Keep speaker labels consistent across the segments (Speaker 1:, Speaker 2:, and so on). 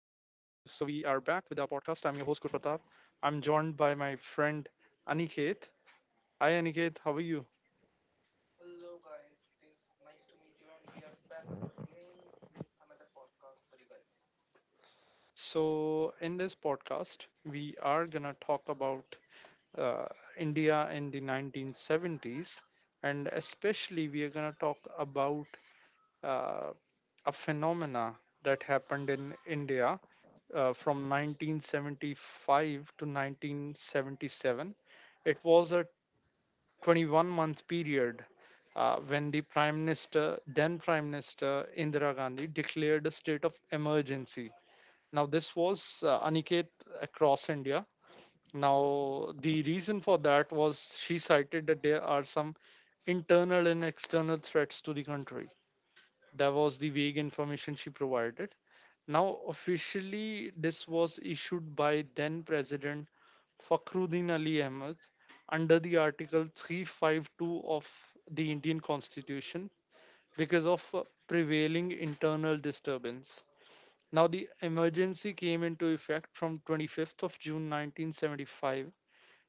Speaker 1: are back with our podcast. I'm your host, Kur. I'm joined by my friend Aniket. Hi, Aniket. How are you? So, in this podcast, we are going to talk about uh, India in the 1970s, and especially we are going to talk about uh, a phenomena that happened in India from 1975 to 1977. It was a 21-month period when the Prime Minister, then Prime Minister Indira Gandhi, declared a state of emergency. Now, this was Aniket, across India. Now, the reason for that was she cited that there are some internal and external threats to the country. That was the vague information she provided. Now, officially, this was issued by then President Fakhruddin Ali Ahmad under the Article 352 of the Indian Constitution because of prevailing internal disturbance. Now, the emergency came into effect from 25th of June 1975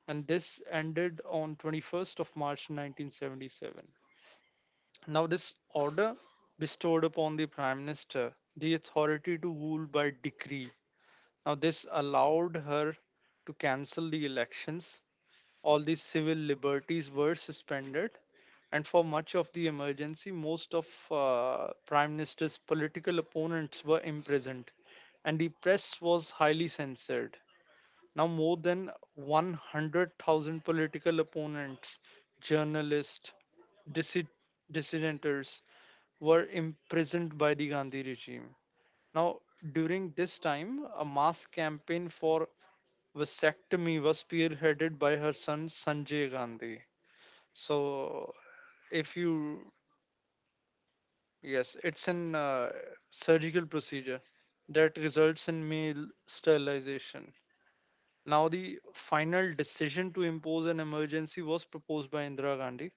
Speaker 1: and this ended on 21st of March 1977. Now, this order bestowed upon the prime minister the authority to rule by decree. Now, this allowed her to cancel the elections. All the civil liberties were suspended, and for much of the emergency, most of prime minister's political opponents were imprisoned, and the press was highly censored. Now, more than 100,000 political opponents, journalists, dissid- dissidenters were imprisoned by the Gandhi regime. Now, during this time, a mass campaign for vasectomy was spearheaded by her son Sanjay Gandhi. So, if you, yes, it's an surgical procedure that results in male sterilization. Now, the final decision to impose an emergency was proposed by Indira Gandhi,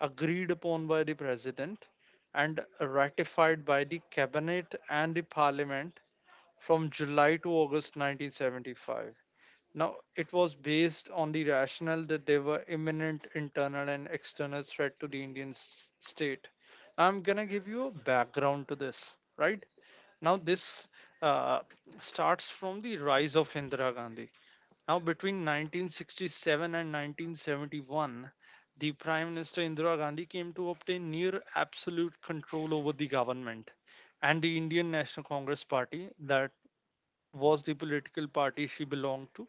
Speaker 1: agreed upon by the president, and ratified by the cabinet and the parliament from July to August 1975. Now, it was based on the rationale that there were imminent internal and external threat to the Indian state. I'm gonna give you a background to this, right? Now, this uh, starts from the rise of Indira Gandhi. Now, between 1967 and 1971, the Prime Minister Indira Gandhi came to obtain near absolute control over the government and the Indian National Congress Party that was the political party she belonged to,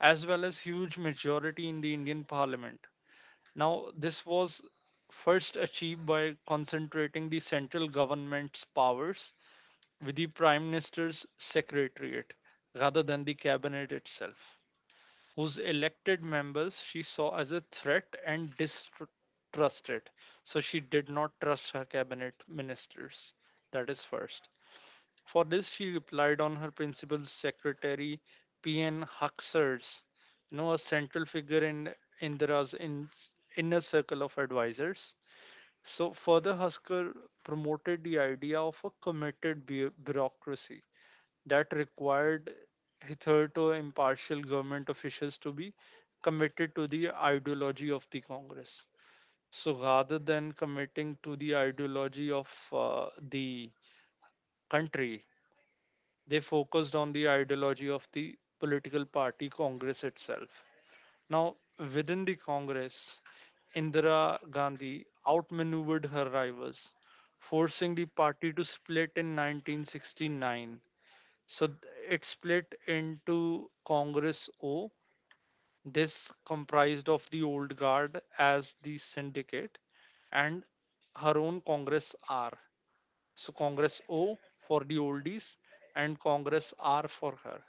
Speaker 1: as well as huge majority in the Indian parliament. Now, this was first achieved by concentrating the central government's powers with the prime minister's secretariat rather than the cabinet itself, whose elected members she saw as a threat and distrusted. So she did not trust her cabinet ministers. That is first. For this, she replied on her principal's secretary, P.N. Huxers, you know, a central figure in Indira's in, inner circle of advisors. So, further, Husker promoted the idea of a committed bureaucracy that required hitherto impartial government officials to be committed to the ideology of the Congress. So, rather than committing to the ideology of the country, they focused on the ideology of the political party Congress itself. Now, within the Congress, Indira Gandhi outmaneuvered her rivals, forcing the party to split in 1969. So th- it split into Congress O. This comprised of the old guard as the syndicate and her own Congress R. So Congress O for the oldies and Congress R for her.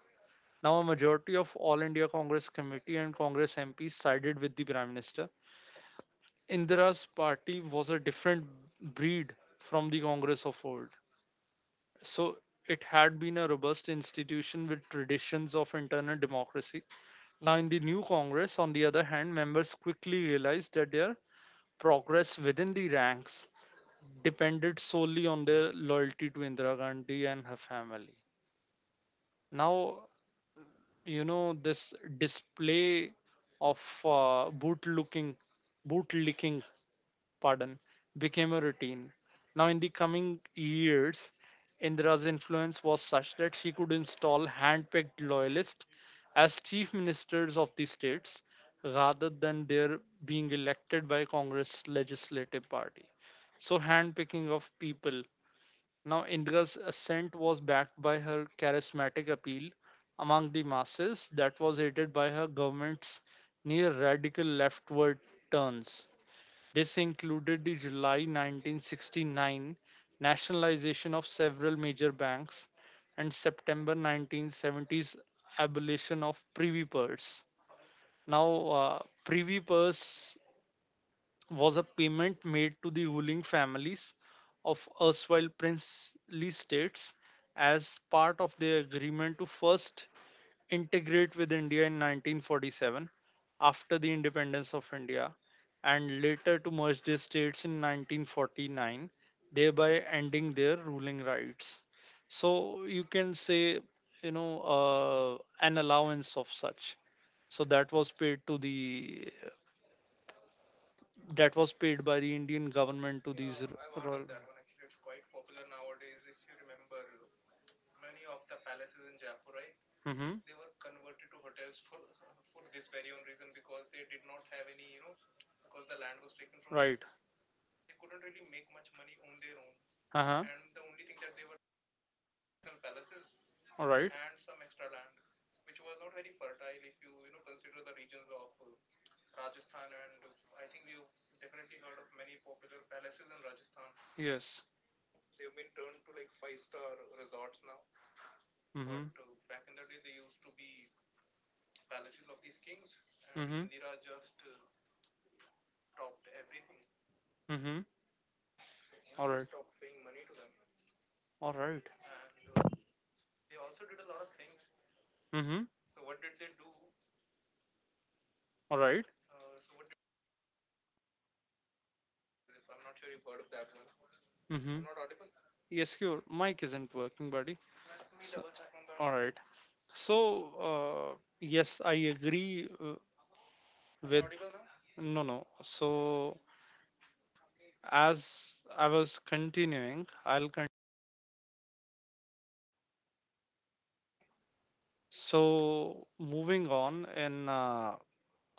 Speaker 1: Now, a majority of All India Congress Committee and Congress MPs sided with the Prime Minister. Indira's party was a different breed from the Congress of old. So, it had been a robust institution with traditions of internal democracy. Now, in the new Congress, on the other hand, members quickly realized that their progress within the ranks depended solely on their loyalty to Indira Gandhi and her family. Now, you know this display of uh, boot looking boot licking, pardon, became a routine. Now, in the coming years, Indira's influence was such that she could install hand-picked loyalists as chief ministers of the states rather than their being elected by Congress legislative party. So, hand-picking of people. Now, India's ascent was backed by her charismatic appeal among the masses that was aided by her government's near radical leftward turns. This included the July 1969 nationalization of several major banks and September 1970's abolition of privy purse. Now, privy purse was a payment made to the ruling families of erstwhile princely states as part of their agreement to first integrate with India in 1947 after the independence of India and later to merge their states in 1949, thereby ending their ruling rights. So you can say, an allowance of such. So that was paid to the that was paid by the Indian government to, yeah, these I heard royal. Hmm. Right. Hmm. They were converted to hotels for for this very own reason, because they did not have any, you know, because the land was taken from them. Right. They couldn't really make much money on their. Uh huh. And the only thing that they were personal palaces. All right. And some extra land, which was not very fertile. If you you know consider the regions of. Rajasthan, and I think we've definitely heard of many popular palaces in Rajasthan. Yes. They've been turned to like five-star resorts now. Mm-hmm. But back in the day, they used to be palaces of these kings, and mhm, Indira just topped everything. Mm-hmm. You know, all know, right, stopped paying money to them, all right, and they also did a lot of things. Mm-hmm. So what did they do? All right. So what is, I'm not sure you've heard of that one. Mm-hmm. Not audible. Yes, your mic isn't working, buddy. Let me, so, double check on that. All right. So, yes, I agree, am I with audible now? No, no. So, as I was continuing, so moving on in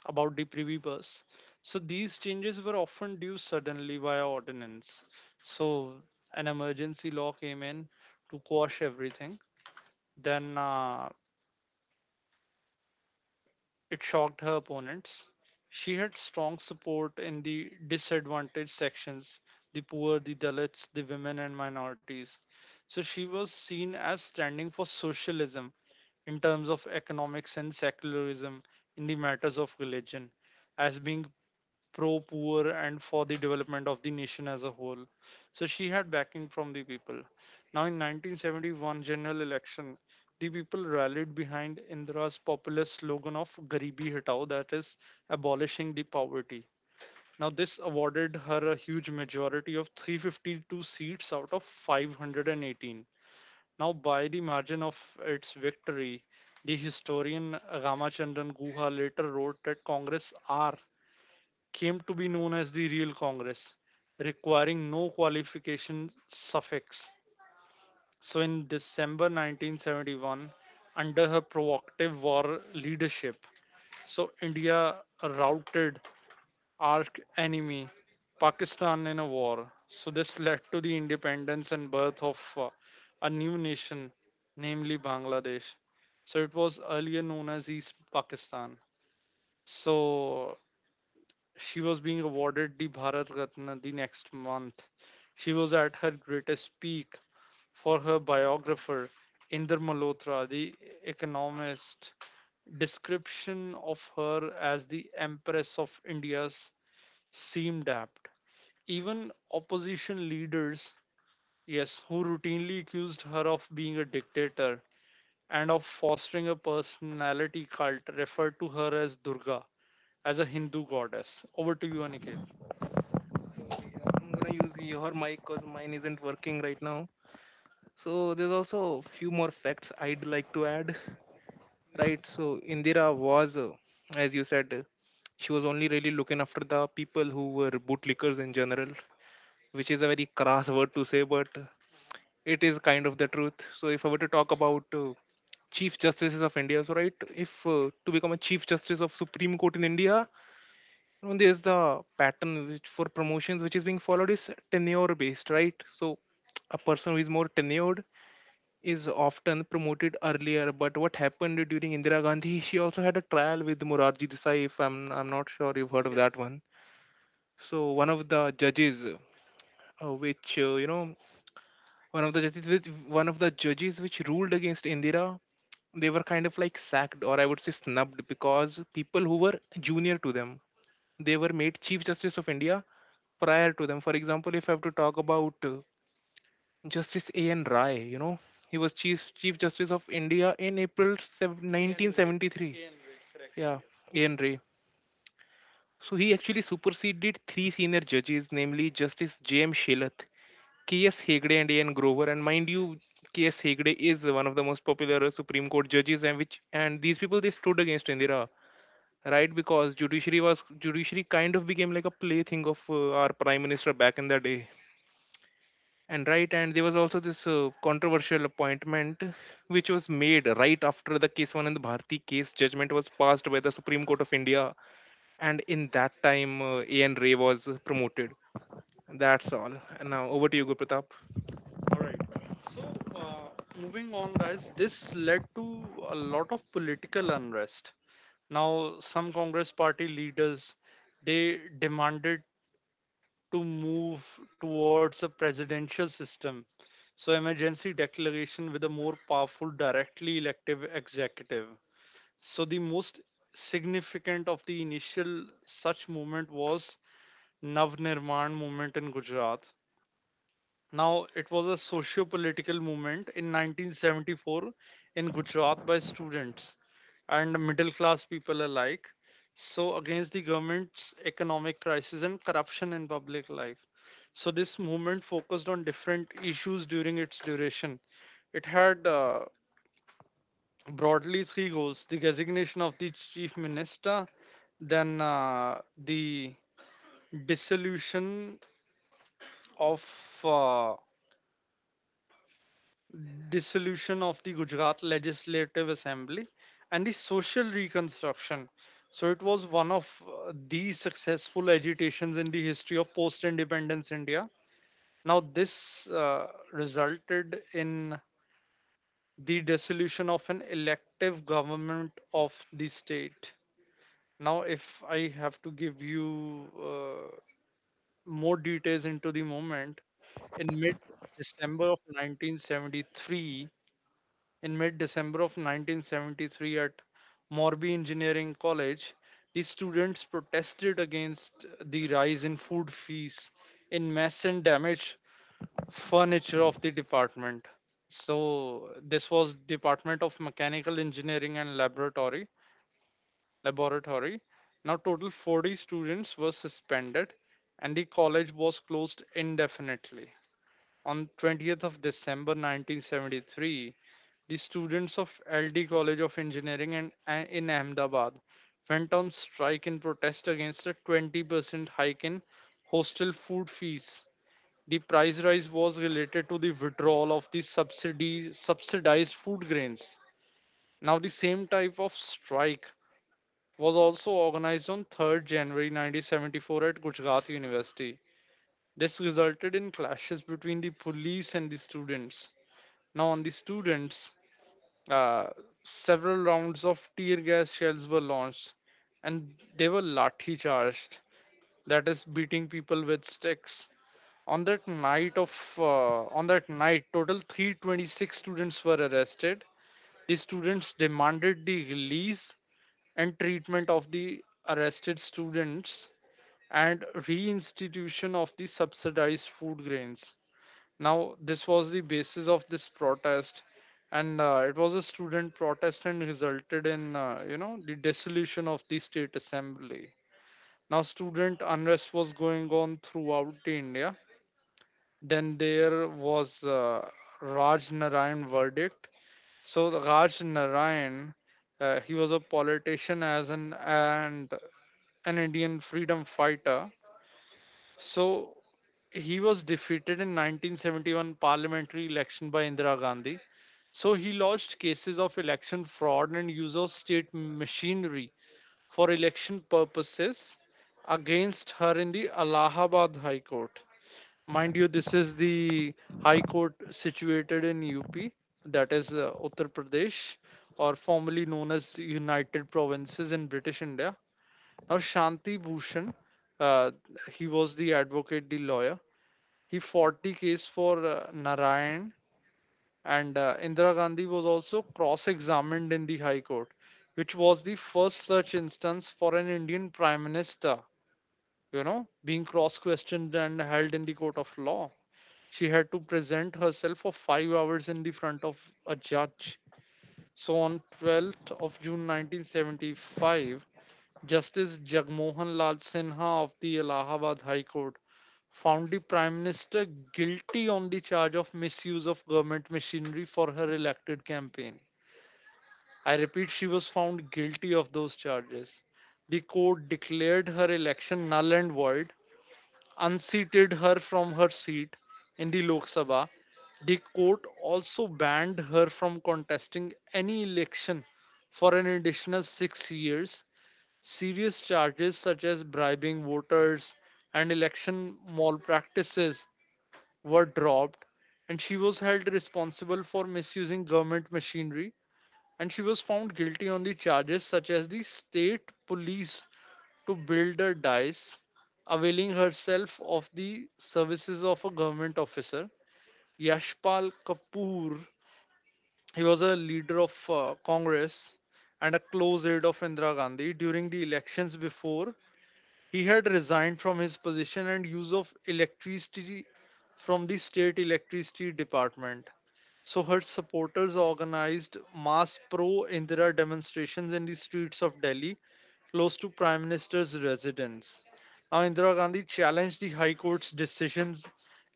Speaker 1: about the privy bus. So these changes were often due suddenly via ordinance. So an emergency law came in to quash everything. Then it shocked her opponents. She had strong support in the disadvantaged sections, the poor, the Dalits, the women, and minorities. So she was seen as standing for socialism in terms of economics and secularism in the matters of religion, as being pro poor and for the development of the nation as a whole. So she had backing from the people. Now, in 1971 general election, the people rallied behind Indira's populist slogan of "Garibi Hatao," that is, abolishing the poverty. Now, this awarded her a huge majority of 352 seats out of 518. Now, by the margin of its victory, the historian Ramachandran Guha later wrote that Congress are came to be known as the real Congress, requiring no qualification suffix. So, in December 1971, under her provocative war leadership, so India routed arch enemy Pakistan in a war. So, this led to the independence and birth of a new nation, namely Bangladesh. So, it was earlier known as East Pakistan. So, she was being awarded the Bharat Ratna the next month. She was at her greatest peak. For her biographer, Inder Malhotra, the economist, description of her as the Empress of India seemed apt. Even opposition leaders, yes, who routinely accused her of being a dictator and of fostering a personality cult, referred to her as Durga, as a Hindu goddess. Over to you, Aniket. So yeah, I'm gonna use your mic because mine isn't working right now. So there's also a few more facts I'd like to add. Right. So Indira was, as you said, she was only really looking after the people who were bootlickers in general, which is a very crass word to say, but it is kind of the truth. So if I were to talk about Chief Justices of India, so right, if to become a Chief Justice of Supreme Court in India, and there's the pattern which for promotions which is being followed is tenure based, right? So a person who is more tenured is often promoted earlier. But what happened during Indira Gandhi, she also had a trial with Morarji Desai. If I'm I'm not sure you've heard of that. Yes. One. So one of the judges, uh, which uh, you know, one of the judges which one of the judges which ruled against Indira, they were kind of like sacked, or I would say snubbed, because people who were junior to them, they were made Chief Justice of India prior to them. For example, if I have to talk about Justice A.N. Rai, you know, he was Chief Justice of India in April 1973. Yeah. Yes. A.N. Ray. So he actually superseded 3 senior judges, namely Justice J.M. Shelath, K.S. Hegde, and A.N. Grover. And mind you, K.S. Hegde is one of the most popular Supreme Court judges, and these people, they stood against Indira, right, because judiciary kind of became like a plaything of our prime minister back in the day, and, there was also this controversial appointment, which was made right after the case one bharti case judgment was passed by the Supreme Court of India. And in that time, an ray was promoted. That's all. And now over to you, Gurpratap. All right. So, uh, moving on, guys, this led to a lot of political unrest. Now, some Congress Party leaders, they demanded to move towards a presidential system. So, emergency declaration with a more powerful, directly elective executive. So, the most significant of the initial such movement was Nav Nirman movement in Gujarat. Now, it was a socio political movement in 1974 in Gujarat by students and middle class people alike, so, against the government's economic crisis and corruption in public life. So, this movement focused on different issues during its duration. It had, broadly, three goals: the resignation of the chief minister, then the dissolution of uh, dissolution of the Gujarat Legislative Assembly and the social reconstruction. So it was one of the successful agitations in the history of post independence India. Now, this resulted in the dissolution of an elective government of the state. Now, if I have to give you more details into the moment, in mid December of 1973, in mid December of 1973 at Morbi Engineering College, the students protested against the rise in food fees in mess and damaged furniture of the department. So this was Department of Mechanical Engineering and Laboratory. Now total 40 students were suspended and the college was closed indefinitely. On 20th of December 1973, the students of LD College of Engineering and in Ahmedabad went on strike in protest against a 20% hike in hostel food fees. The price rise was related to the withdrawal of the subsidies, subsidized food grains. Now, the same type of strike was also organized on 3rd January 1974 at Gujarat University. This resulted in clashes between the police and the students. Now, on the students, uh, several rounds of tear gas shells were launched, and they were lathi charged, that is, beating people with sticks. On that night of on that night, total 326 students were arrested. The students demanded the release and treatment of the arrested students and reinstitution of the subsidized food grains. Now, this was the basis of this protest, and it was a student protest and resulted in, the dissolution of the state assembly. Now, student unrest was going on throughout the India. Then there was Raj Narayan verdict. So, the Raj Narayan, he was a politician as an and an Indian freedom fighter. So he was defeated in 1971 parliamentary election by Indira Gandhi. So he lodged cases of election fraud and use of state machinery for election purposes against her in the Allahabad High Court. Mind you, this is the High Court situated in UP, that is, Uttar Pradesh, or formerly known as United Provinces in British India. Now, Shanti Bhushan, uh, he was the advocate, the lawyer. He fought the case for Narayan, and Indira Gandhi was also cross examined in the High Court, which was the first such instance for an Indian Prime Minister, being cross questioned and held in the court of law. She had to present herself for 5 hours in the front of a judge. So on 12th of June 1975, Justice Jagmohan Lal Sinha of the Allahabad High Court found the Prime Minister guilty on the charge of misuse of government machinery for her elected campaign. I repeat, she was found guilty of those charges. The court declared her election null and void, unseated her from her seat in the Lok Sabha. The court also banned her from contesting any election for an additional 6 years. Serious charges such as bribing voters and election malpractices were dropped, and she was held responsible for misusing government machinery. And she was found guilty on the charges such as the state police to build a dice, availing herself of the services of a government officer. Yashpal Kapoor, he was a leader of Congress and a close aide of Indira Gandhi during the elections, before he had resigned from his position, and use of electricity from the state electricity department. So her supporters organized mass pro Indira demonstrations in the streets of Delhi, close to Prime Minister's residence. Now, Indira Gandhi challenged the High Court's decisions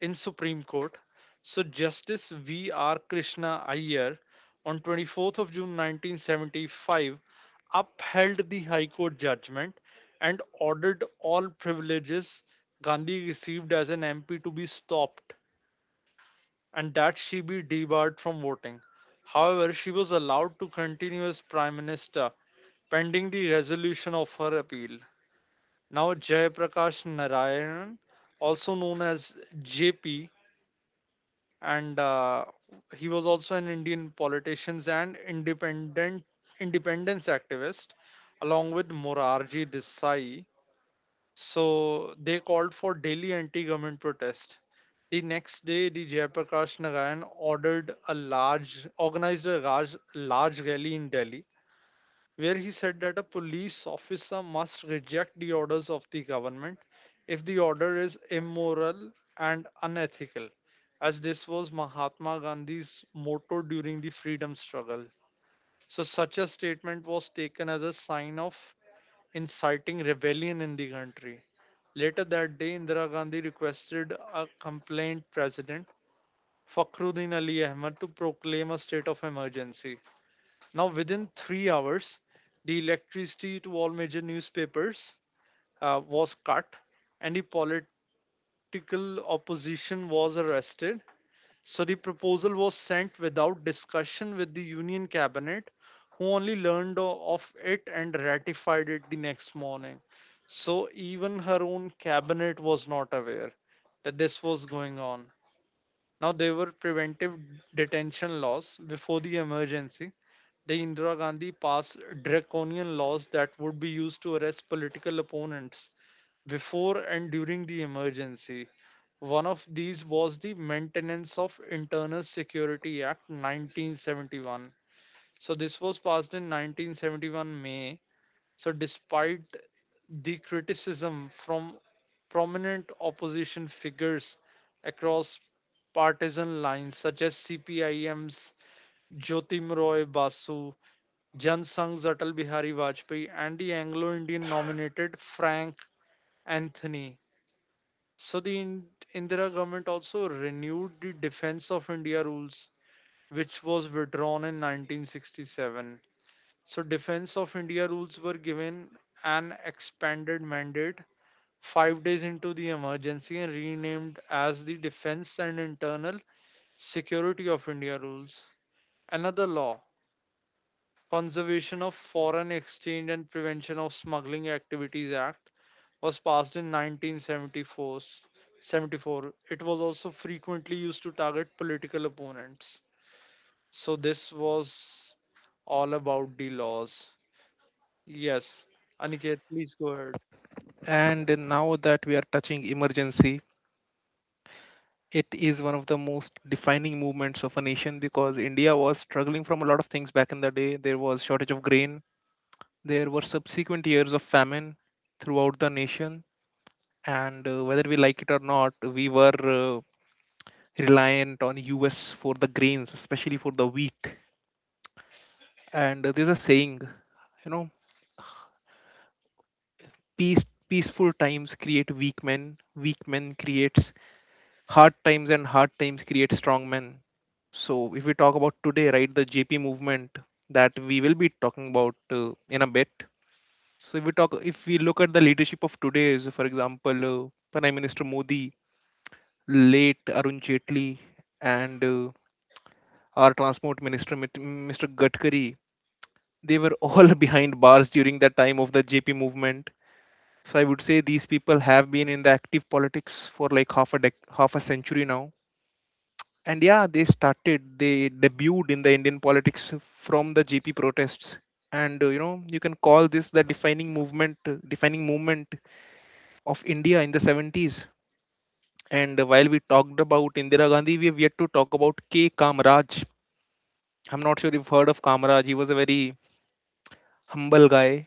Speaker 1: in Supreme Court. So, Justice V. R. Krishna Iyer on 24th of June 1975 upheld the High Court judgment and ordered all privileges Gandhi received as an MP to be stopped and that she be debarred from voting. However, she was allowed to continue as Prime Minister pending the resolution of her appeal. Now, Jayaprakash Narayan, also known as JP, and he was also an Indian politician and independent independence activist, along with Morarji Desai. So they called for daily anti-government protest. The next day, the Jayaprakash Narayan organized a large, large rally in Delhi where he said that a police officer must reject the orders of the government if the order is immoral and unethical, as this was Mahatma Gandhi's motto during the freedom struggle. So, such a statement was taken as a sign of inciting rebellion in the country. Later that day, Indira Gandhi requested a complaint president, Fakhruddin Ali Ahmad, to proclaim a state of emergency. Now, within 3 hours, the electricity to all major newspapers was cut, and the political opposition was arrested. So the proposal was sent without discussion with the Union Cabinet, who only learned of it and ratified it the next morning. So even her own cabinet was not aware that this was going on. Now, there were preventive detention laws before the emergency. The Indira Gandhi passed draconian laws that would be used to arrest political opponents before and during the emergency. One of these was the Maintenance of Internal Security Act 1971. So this was passed in 1971 May. So despite the criticism from prominent opposition figures across partisan lines such as CPIM's Jyotim Roy Basu, Jan Sangh's Atal Bihari Vajpayee, and the Anglo-Indian nominated Frank Anthony. So the Indira government also renewed the Defense of India rules, which was withdrawn in 1967. So Defense of India rules were given an expanded mandate 5 days into the emergency and renamed as the Defense and Internal Security of India Rules. Another law, Conservation of Foreign Exchange and Prevention of Smuggling Activities Act, was passed in 1974. 74. seventy-four. It was also frequently used to target political opponents. So this was all about the laws. Yes. Aniket, please go ahead.
Speaker 2: And now that we are touching emergency, it is one of the most defining movements of a nation because India was struggling from a lot of things back in the day. There was shortage of grain. There were subsequent years of famine throughout the nation, and whether we like it or not, we were reliant on US for the grains, especially for the wheat. And there's a saying, you know, peaceful times create weak men creates hard times, and hard times create strong men. So if we talk about today, right, the JP movement that we will be talking about in a bit. So if we look at the leadership of today, is for example, Prime Minister Modi, late Arun Jaitley, and our Transport Minister Mr. Gadkari, they were all behind bars during the time of the JP movement. So I would say these people have been in the active politics for like half a century now. And yeah, they debuted in the Indian politics from the GP protests. And you know, you can call this the defining movement, of India in the 70s. And while we talked about Indira Gandhi, we have yet to talk about K. Kamraj. I'm not sure if you've heard of Kamraj. He was a very humble guy,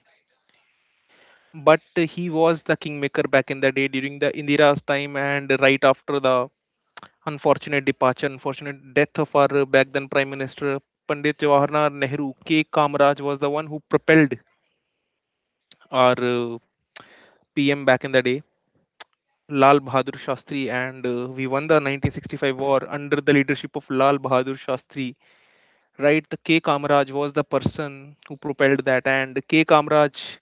Speaker 2: but he was the kingmaker back in the day during the Indira's time and right after the unfortunate death of our back then Prime Minister Pandit Jawaharlal Nehru. K. Kamraj was the one who propelled our PM back in the day, Lal Bahadur Shastri, and we won the 1965 war under the leadership of Lal Bahadur Shastri. Right, the K. Kamraj was the person who propelled that, and K. Kamraj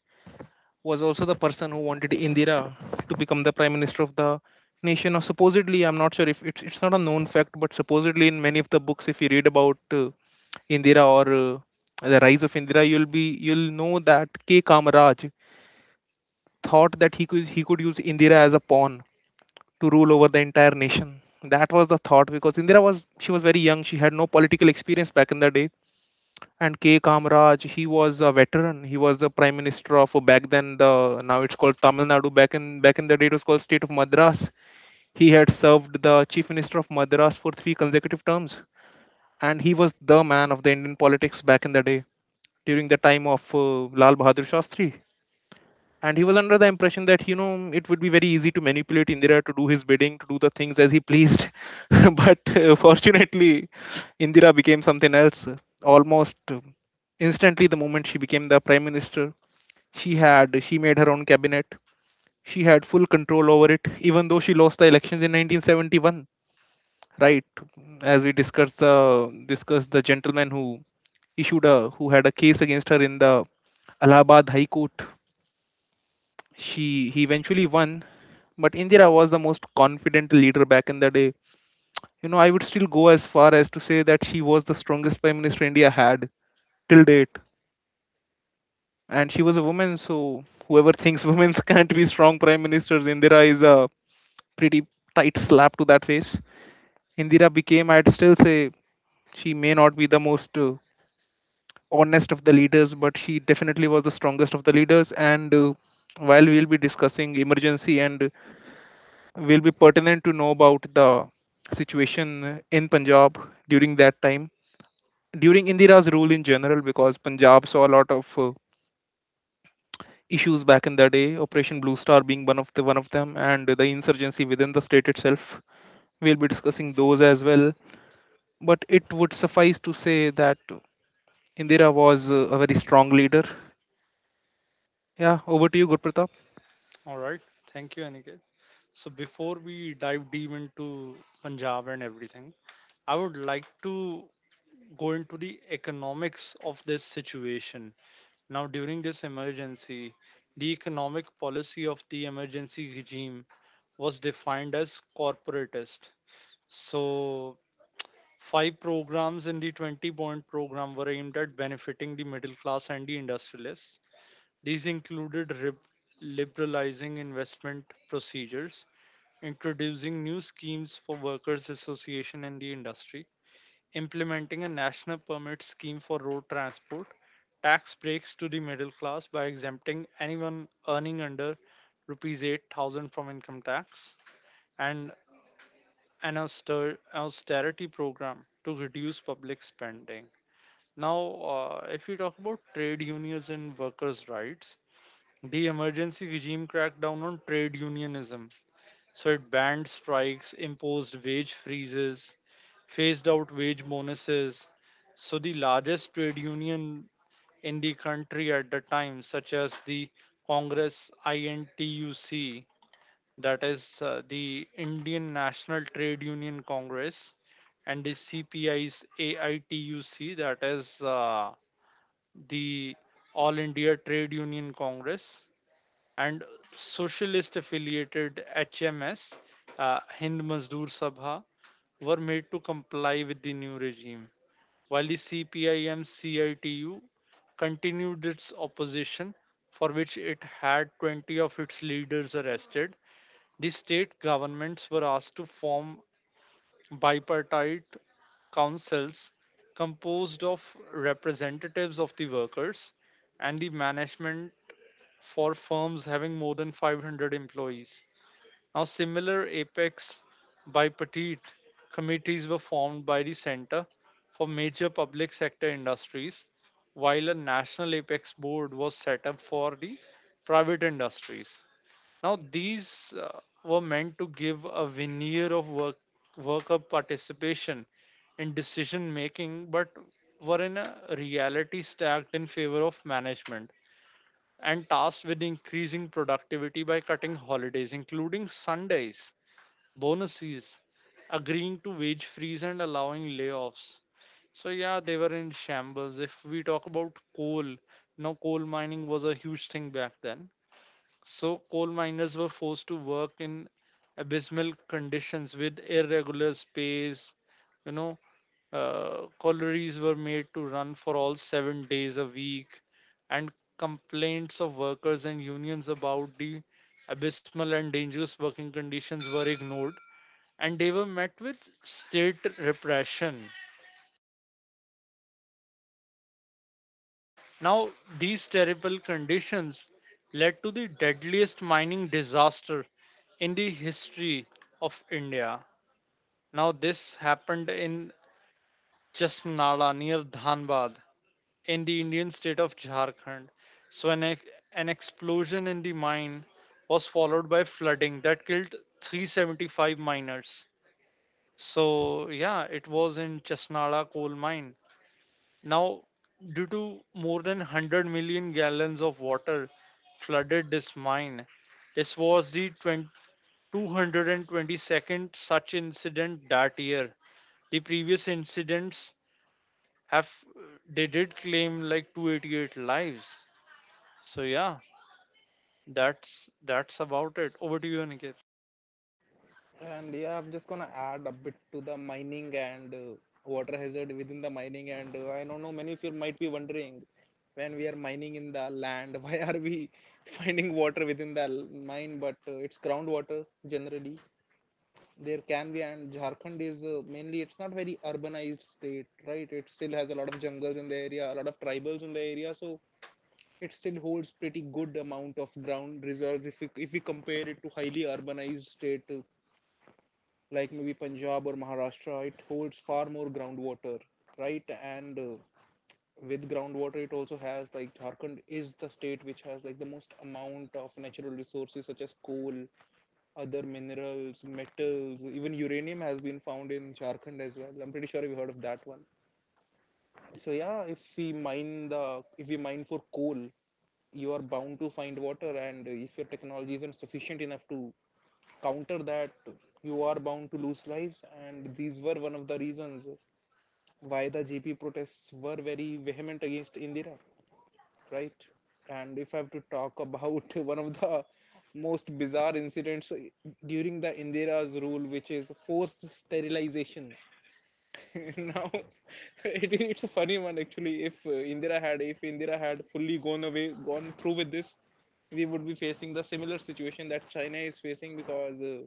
Speaker 2: was also the person who wanted Indira to become the Prime Minister of the nation, or supposedly. I'm not sure if it's not a known fact, but supposedly in many of the books if you read about Indira or the Rise of Indira, you'll know that K. Kamaraj thought that he could use Indira as a pawn to rule over the entire nation. That was the thought because Indira was she was very young. She had no political experience back in the day. And K. Kamaraj, he was a veteran. He was the prime minister of back then the, now it's called Tamil Nadu. Back in the day it was called state of Madras. He had served the chief minister of Madras for three consecutive terms, and he was the man of the Indian politics back in the day during the time of Lal Bahadur Shastri. And he was under the impression that, you know, it would be very easy to manipulate Indira to do his bidding, to do the things as he pleased. But fortunately, Indira became something else. Almost instantly, the moment she became the prime minister, she made her own cabinet. She had full control over it, even though she lost the elections in 1971. Right, as we discussed the gentleman who issued a who had a case against her in the Allahabad High Court, she he eventually won. But Indira was the most confident leader back in the day. You know, I would still go as far as to say that she was the strongest prime minister India had till date. And she was a woman, so whoever thinks women can't be strong prime ministers, Indira is a pretty tight slap to that face. Indira became, I'd still say, she may not be the most honest of the leaders, but she definitely was the strongest of the leaders. And while we'll be discussing emergency, and will be pertinent to know about the situation in Punjab during that time, during Indira's rule in general, because Punjab saw a lot of issues back in the day. Operation Blue Star being one of them, and the insurgency within the state itself. We'll be discussing those as well. But it would suffice to say that Indira was a very strong leader. Yeah, over to you, Gurpratap.
Speaker 1: All right. Thank you, Aniket. So before we dive deep into Punjab and everything, I would like to go into the economics of this situation. Now, during this emergency, the economic policy of the emergency regime was defined as corporatist. So, five programs in the 20 point program were aimed at benefiting the middle class and the industrialists. These included liberalizing investment procedures, introducing new schemes for workers' association in the industry, implementing a national permit scheme for road transport, tax breaks to the middle class by exempting anyone earning under rupees 8,000 from income tax, and an austerity program to reduce public spending. Now, if we talk about trade unions and workers' rights, the emergency regime crackdown on trade unionism, so it banned strikes, imposed wage freezes, phased out wage bonuses. So the largest trade union in the country at the time, such as the Congress INTUC, that is, the Indian National Trade Union Congress, and the CPI's AITUC, that is, the All India Trade Union Congress, and socialist affiliated HMS, Hind Mazdoor Sabha, were made to comply with the new regime, while the C.P.I.M.C.I.T.U. continued its opposition, for which it had 20 of its leaders arrested. The state governments were asked to form bipartite councils composed of representatives of the workers and the management for firms having more than 500 employees. Now, similar apex bipartite committees were formed by the center for major public sector industries, while a national apex board was set up for the private industries. Now, these were meant to give a veneer of worker participation in decision making, but were in a reality stacked in favor of management and tasked with increasing productivity by cutting holidays, including Sundays, bonuses, agreeing to wage freeze, and allowing layoffs. So, yeah, they were in shambles. If we talk about coal, now coal mining was a huge thing back then. So coal miners were forced to work in abysmal conditions with irregular space. You know, Collieries were made to run for all 7 days a week, and complaints of workers and unions about the abysmal and dangerous working conditions were ignored, and they were met with state repression. Now, these terrible conditions led to the deadliest mining disaster in the history of India. Now, this happened in Jasnala near Dhanbad in the Indian state of Jharkhand. So, an explosion in the mine was followed by flooding that killed 375 miners. So, yeah, it was in Chasnala coal mine. Now, due to more than 100 million gallons of water flooded this mine, this was the 20 222nd such incident that year. The previous incidents have they did claim like 288 lives. So yeah, that's about it. Over to you, Aniket.
Speaker 2: And yeah, I'm just gonna add a bit to the mining and water hazard within the mining. And I don't know, many of you might be wondering when we are mining in the land, why are we finding water within the mine? But it's groundwater generally. There can be, and Jharkhand is mainly, it's not very urbanized state, right? It still has a lot of jungles in the area, a lot of tribals in the area, so it still holds pretty good amount of ground reserves if if we compare it to highly urbanized state like maybe Punjab or Maharashtra, it holds far more groundwater, right? And with groundwater, it also has like Jharkhand is the state which has like the most amount of natural resources such as coal, other minerals, metals, even uranium has been found in Jharkhand as well. I'm pretty sure you've heard of that one. So yeah, if we mine the if we mine for coal, you are bound to find water, and if your technology isn't sufficient enough to counter that, you are bound to lose lives. And these were one of the reasons why the JP protests were very vehement against Indira, right? And if I have to talk about one of the most bizarre incidents during the Indira's rule, which is forced sterilization. Now it's a funny one, actually. If indira had if Indira had fully gone through with this, we would be facing the similar situation that China is facing, because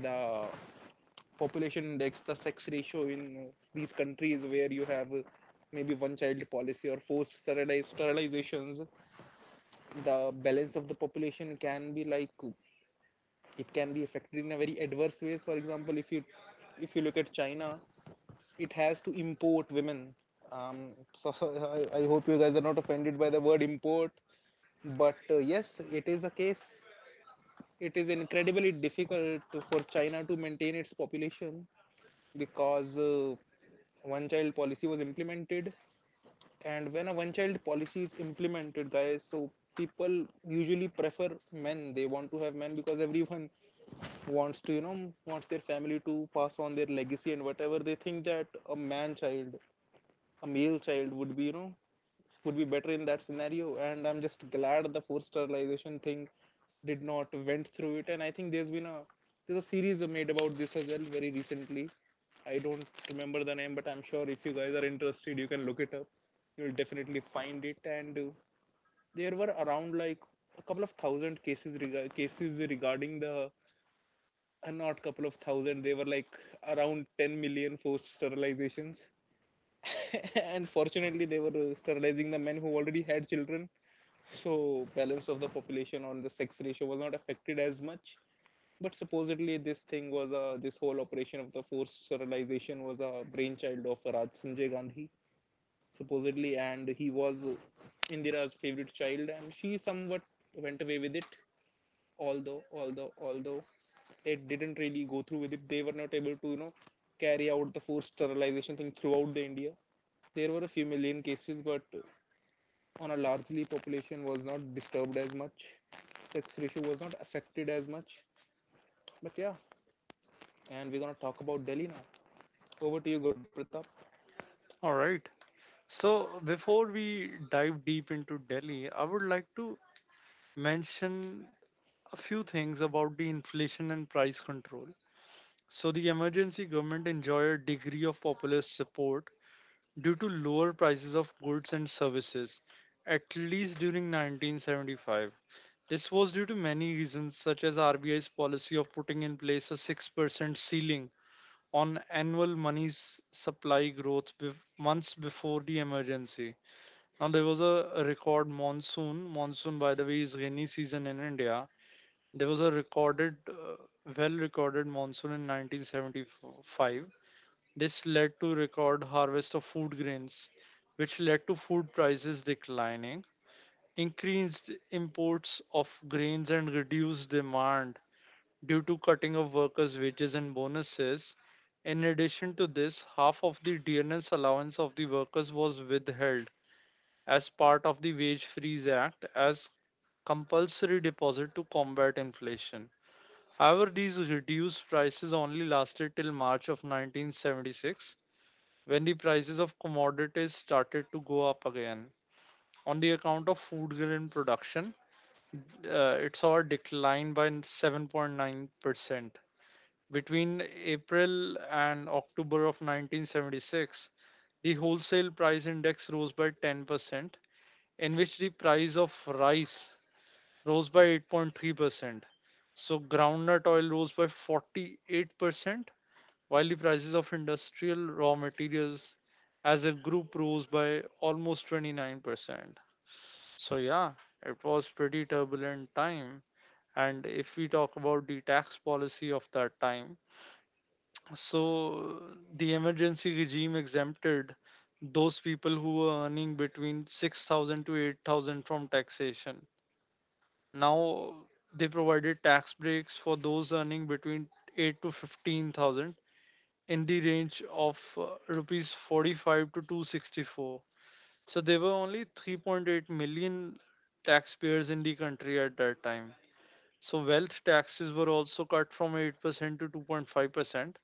Speaker 2: the population index, the sex ratio in these countries where you have maybe one child policy or forced sterilizations, the balance of the population can be like it can be affected in a very adverse ways. For example, if you look at China, it has to import women. So I hope you guys are not offended by the word import, but yes, it is a case. It is incredibly difficult for China to maintain its population, because one child policy was implemented. And when a one child policy is implemented, guys, so people usually prefer men, they want to have men, because everyone wants to, you know, wants their family to pass on their legacy, and whatever they think that a male child would be, you know, would be better in that scenario. And I'm just glad the forced sterilization thing did not went through it. And I think there's a series made about this as well very recently. I don't remember the name, but I'm sure if you guys are interested, you can look it up. You'll definitely find it. And there were around like a couple of thousand cases regarding the not couple of thousand. They were like around 10 million forced sterilizations. And fortunately, they were sterilizing the men who already had children, so balance of the population on the sex ratio was not affected as much. But supposedly this thing was a this whole operation of the forced sterilization was a brainchild of raj Sanjay Gandhi, supposedly. And he was Indira's favorite child, and she somewhat went away with it. Although although, it didn't really go through with it. They were not able to, you know, carry out the forced sterilization thing throughout the India. There were a few million cases, but on a largely population was not disturbed as much. Sex ratio was not affected as much. But yeah, and we're going to talk about Delhi now. Over to you, Gurpratap.
Speaker 1: All right. So before we dive deep into Delhi, I would like to mention a few things about the inflation and price control. So the emergency government enjoyed a degree of popular support due to lower prices of goods and services, at least during 1975. This was due to many reasons, such as RBI's policy of putting in place a 6% ceiling on annual money supply growth months before the emergency. Now, there was a record monsoon. Monsoon, by the way, is rainy season in India. There was a well recorded monsoon in 1975. This led to record harvest of food grains, which led to food prices declining, increased imports of grains, and reduced demand due to cutting of workers' wages and bonuses. In addition to this, half of the DNS allowance of the workers was withheld as part of the Wage Freeze Act as compulsory deposit to combat inflation. However, these reduced prices only lasted till March of 1976, when the prices of commodities started to go up again. On the account of food grain production, it saw a decline by 7.9%. Between April and October of 1976, the wholesale price index rose by 10%, in which the price of rice rose by 8.3%. So groundnut oil rose by 48%, while the prices of industrial raw materials as a group rose by almost 29%. So, yeah, it was pretty turbulent time. And if we talk about the tax policy of that time, so the emergency regime exempted those people who were earning between 6,000 to 8,000 from taxation. Now they provided tax breaks for those earning between 8 to 15,000, in the range of rupees 45 to 264. So there were only 3.8 million taxpayers in the country at that time. So wealth taxes were also cut from 8% to 2.5%,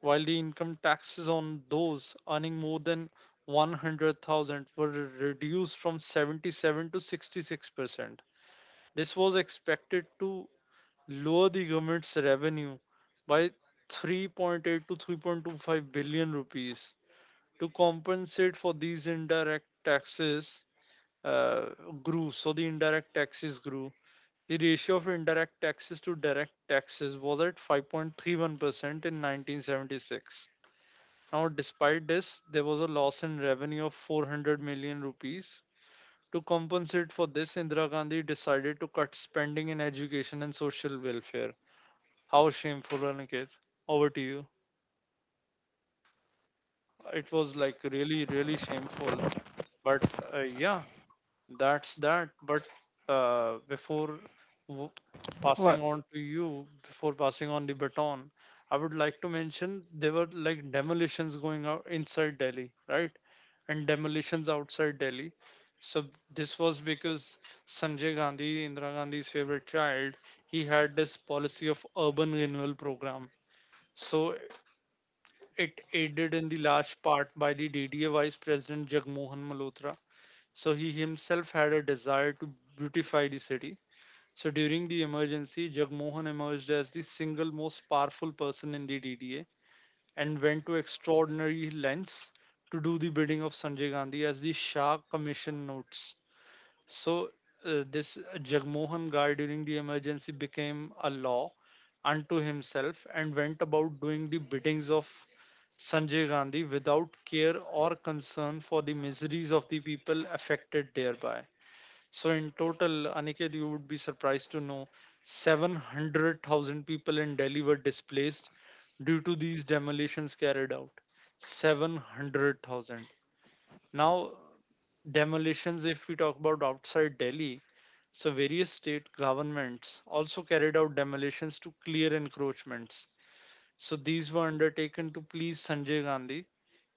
Speaker 1: while the income taxes on those earning more than 100,000 were reduced from 77 to 66%. This was expected to lower the government's revenue by 3.8 to 3.25 billion rupees. To compensate for these indirect taxes uh, grew. So the indirect taxes grew. The ratio of indirect taxes to direct taxes was at 5.31% in 1976. Now, despite this, there was a loss in revenue of 400 million rupees. To compensate for this, Indira Gandhi decided to cut spending in education and social welfare. How shameful, Aniket. Over to you. It was like really, really shameful. But yeah, that's that. But uh, before w-
Speaker 2: Well,
Speaker 1: before passing on the baton, I would like to mention there were like demolitions going out inside Delhi, right? And demolitions outside Delhi. So this was because Sanjay Gandhi, Indira Gandhi's favorite child, he had this policy of urban renewal program. So it aided in the large part by the DDA Vice President Jagmohan Malhotra, so he himself had a desire to beautify the city. So during the emergency, Jagmohan emerged as the single most powerful person in the DDA and went to extraordinary lengths to do the bidding of Sanjay Gandhi, as the Shah Commission notes. So this Jagmohan guy during the emergency became a law unto himself and went about doing the biddings of Sanjay Gandhi without care or concern for the miseries of the people affected thereby. So in total, Aniket, you would be surprised to know 700,000 people in Delhi were displaced due to these demolitions carried out. 700,000. Now, demolitions, if we talk about outside Delhi, so various state governments also carried out demolitions to clear encroachments. So these were undertaken to please Sanjay Gandhi.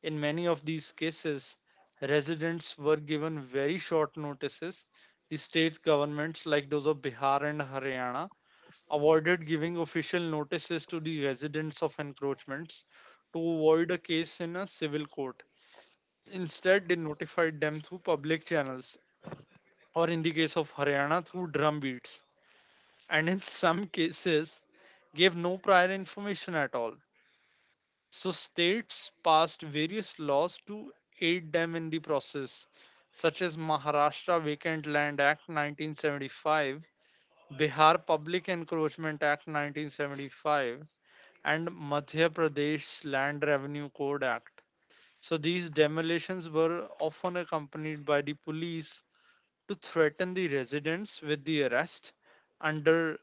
Speaker 1: In many of these cases, residents were given very short notices. The state governments, like those of Bihar and Haryana, avoided giving official notices to the residents of encroachments to avoid a case in a civil court. Instead, they notified them through public channels, or in the case of Haryana, through drum beats, and in some cases, gave no prior information at all. So states passed various laws to aid them in the process, such as Maharashtra Vacant Land Act 1975, Bihar Public Encroachment Act 1975, and Madhya Pradesh Land Revenue Code Act. So these demolitions were often accompanied by the police to threaten the residents with the arrest under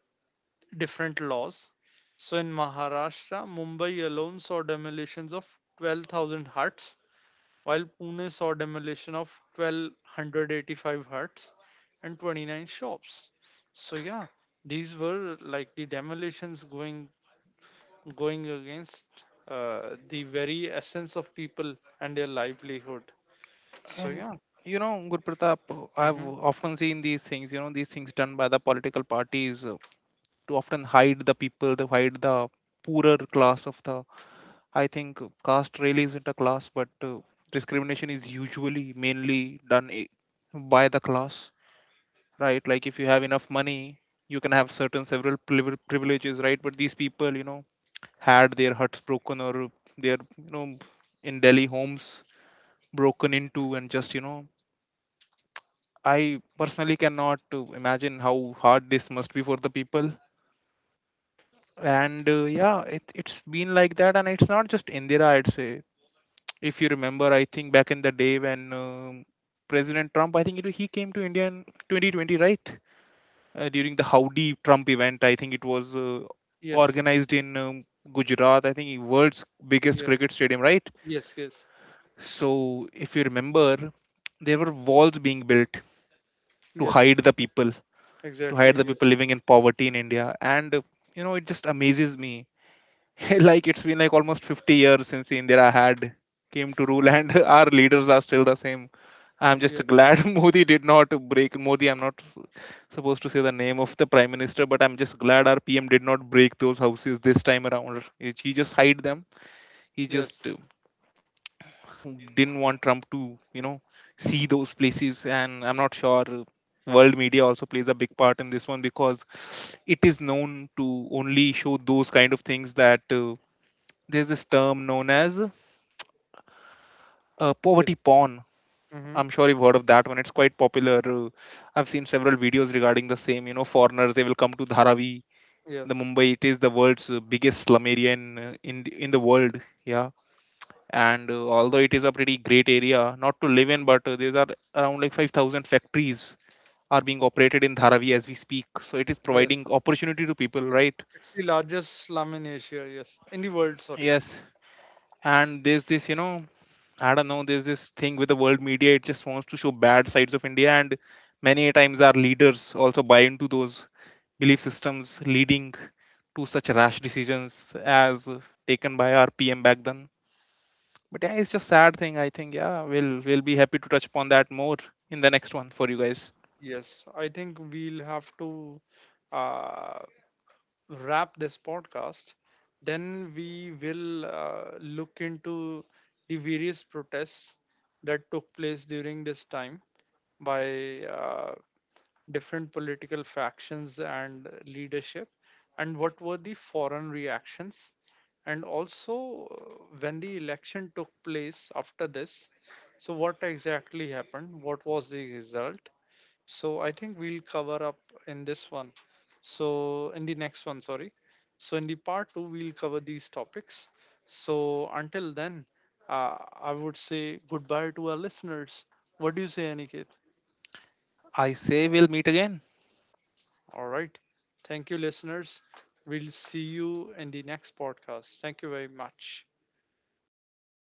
Speaker 1: different laws. So in Maharashtra, Mumbai alone saw demolitions of 12,000 huts, while Pune saw demolition of 1,285 huts and 29 shops. So yeah, these were like the demolitions going against the very essence of people and their livelihood. So
Speaker 2: and
Speaker 1: yeah.
Speaker 2: you know, Gurpratap, I've
Speaker 1: Hmm.
Speaker 2: often seen these things. You know, these things done by the political parties to often hide the people, to hide the poorer class of the. I think caste really isn't a class, but discrimination is usually mainly done i- by the class. Right? Like if you have enough money, you can have certain several privileges, right? But these people, you know, had their huts broken, or their, you know, in Delhi homes broken into, and just, you know, I personally cannot imagine how hard this must be for the people. And yeah, it's been like that, and it's not just Indira, I'd say. If you remember, I think back in the day when President Trump, he came to India in 2020, right? During the Howdy Trump event. I think it was
Speaker 1: Yes,
Speaker 2: organized in Gujarat. I think world's biggest
Speaker 1: yes,
Speaker 2: cricket stadium, right?
Speaker 1: yes, yes.
Speaker 2: So if you remember, there were walls being built to
Speaker 1: Yes,
Speaker 2: hide the people, to hide
Speaker 1: exactly.
Speaker 2: the
Speaker 1: Yes,
Speaker 2: people living in poverty in India, and you know, it just amazes me. Like it's been like almost 50 years since India had came to rule, and our leaders are still the same. I'm
Speaker 1: yes,
Speaker 2: just glad Modi did not break Modi. I'm not supposed to say the name of the prime minister, but I'm just glad our PM did not break those houses this time around. He just hid them. He
Speaker 1: yes.
Speaker 2: just
Speaker 1: Didn't
Speaker 2: didn't
Speaker 1: want
Speaker 2: want
Speaker 1: Trump to
Speaker 2: Trump to, you know,
Speaker 1: see
Speaker 2: see
Speaker 1: those
Speaker 2: those
Speaker 1: of
Speaker 2: places. And I'm not sure
Speaker 1: world
Speaker 2: world
Speaker 1: media.
Speaker 2: media also plays a big part in this one, because
Speaker 1: It
Speaker 2: it
Speaker 1: is
Speaker 2: is
Speaker 1: not
Speaker 2: known to
Speaker 1: only
Speaker 2: only
Speaker 1: shown
Speaker 2: show
Speaker 1: those
Speaker 2: those
Speaker 1: kind
Speaker 2: kind
Speaker 1: of
Speaker 2: of
Speaker 1: things
Speaker 2: things
Speaker 1: that
Speaker 2: that
Speaker 1: there's
Speaker 2: there's
Speaker 1: this
Speaker 2: this
Speaker 1: term
Speaker 2: term
Speaker 1: known
Speaker 2: known
Speaker 1: as
Speaker 2: as
Speaker 1: poll. Yes.
Speaker 2: poverty porn.
Speaker 1: Mm-hmm. I'm
Speaker 2: I'm
Speaker 1: sure
Speaker 2: sure
Speaker 1: you've
Speaker 2: you've
Speaker 1: heard
Speaker 2: heard
Speaker 1: of
Speaker 2: of that one. It's quite popular. I've seen several videos regarding the same. You know, foreigners, they will come to Dharavi,
Speaker 1: the. Yes.
Speaker 2: the
Speaker 1: Mumbai
Speaker 2: Mumbai. It is the world's biggest slum area in in
Speaker 1: in the
Speaker 2: the
Speaker 1: world.
Speaker 2: world. Yeah,
Speaker 1: And
Speaker 2: and although it is a pretty great area not to live in, but there are around like 5,000 factories are being operated in Dharavi as we speak. So it is
Speaker 1: yes.
Speaker 2: providing opportunity to people, right?
Speaker 1: It's the largest slum in Asia. Yes. In the world, sorry. Yes.
Speaker 2: Yes, and there's this, you know, I don't know, there's this thing with the world media, it just wants to show bad sides of India, and many times our leaders also buy into those belief systems leading to such rash decisions as taken by our PM back then. But yeah, it's just sad thing. I think yeah, we'll be happy to touch upon that more in the next one for you guys.
Speaker 1: Yes. I think we'll have to uh, wrap this podcast, then we will look into the various protests that took place during this time by different political factions and leadership, and what were the foreign reactions. And also, when the election took place after this, so what exactly happened? What was the result? So I think we'll cover up in this one. So, in the next one, sorry. So, in the part two, we'll cover these topics. So, until then, uh, I would say goodbye to our listeners. What do you say, Aniket?
Speaker 2: I say we'll meet again.
Speaker 1: All right. Thank you, listeners. We'll see you in the next podcast. Thank you very much.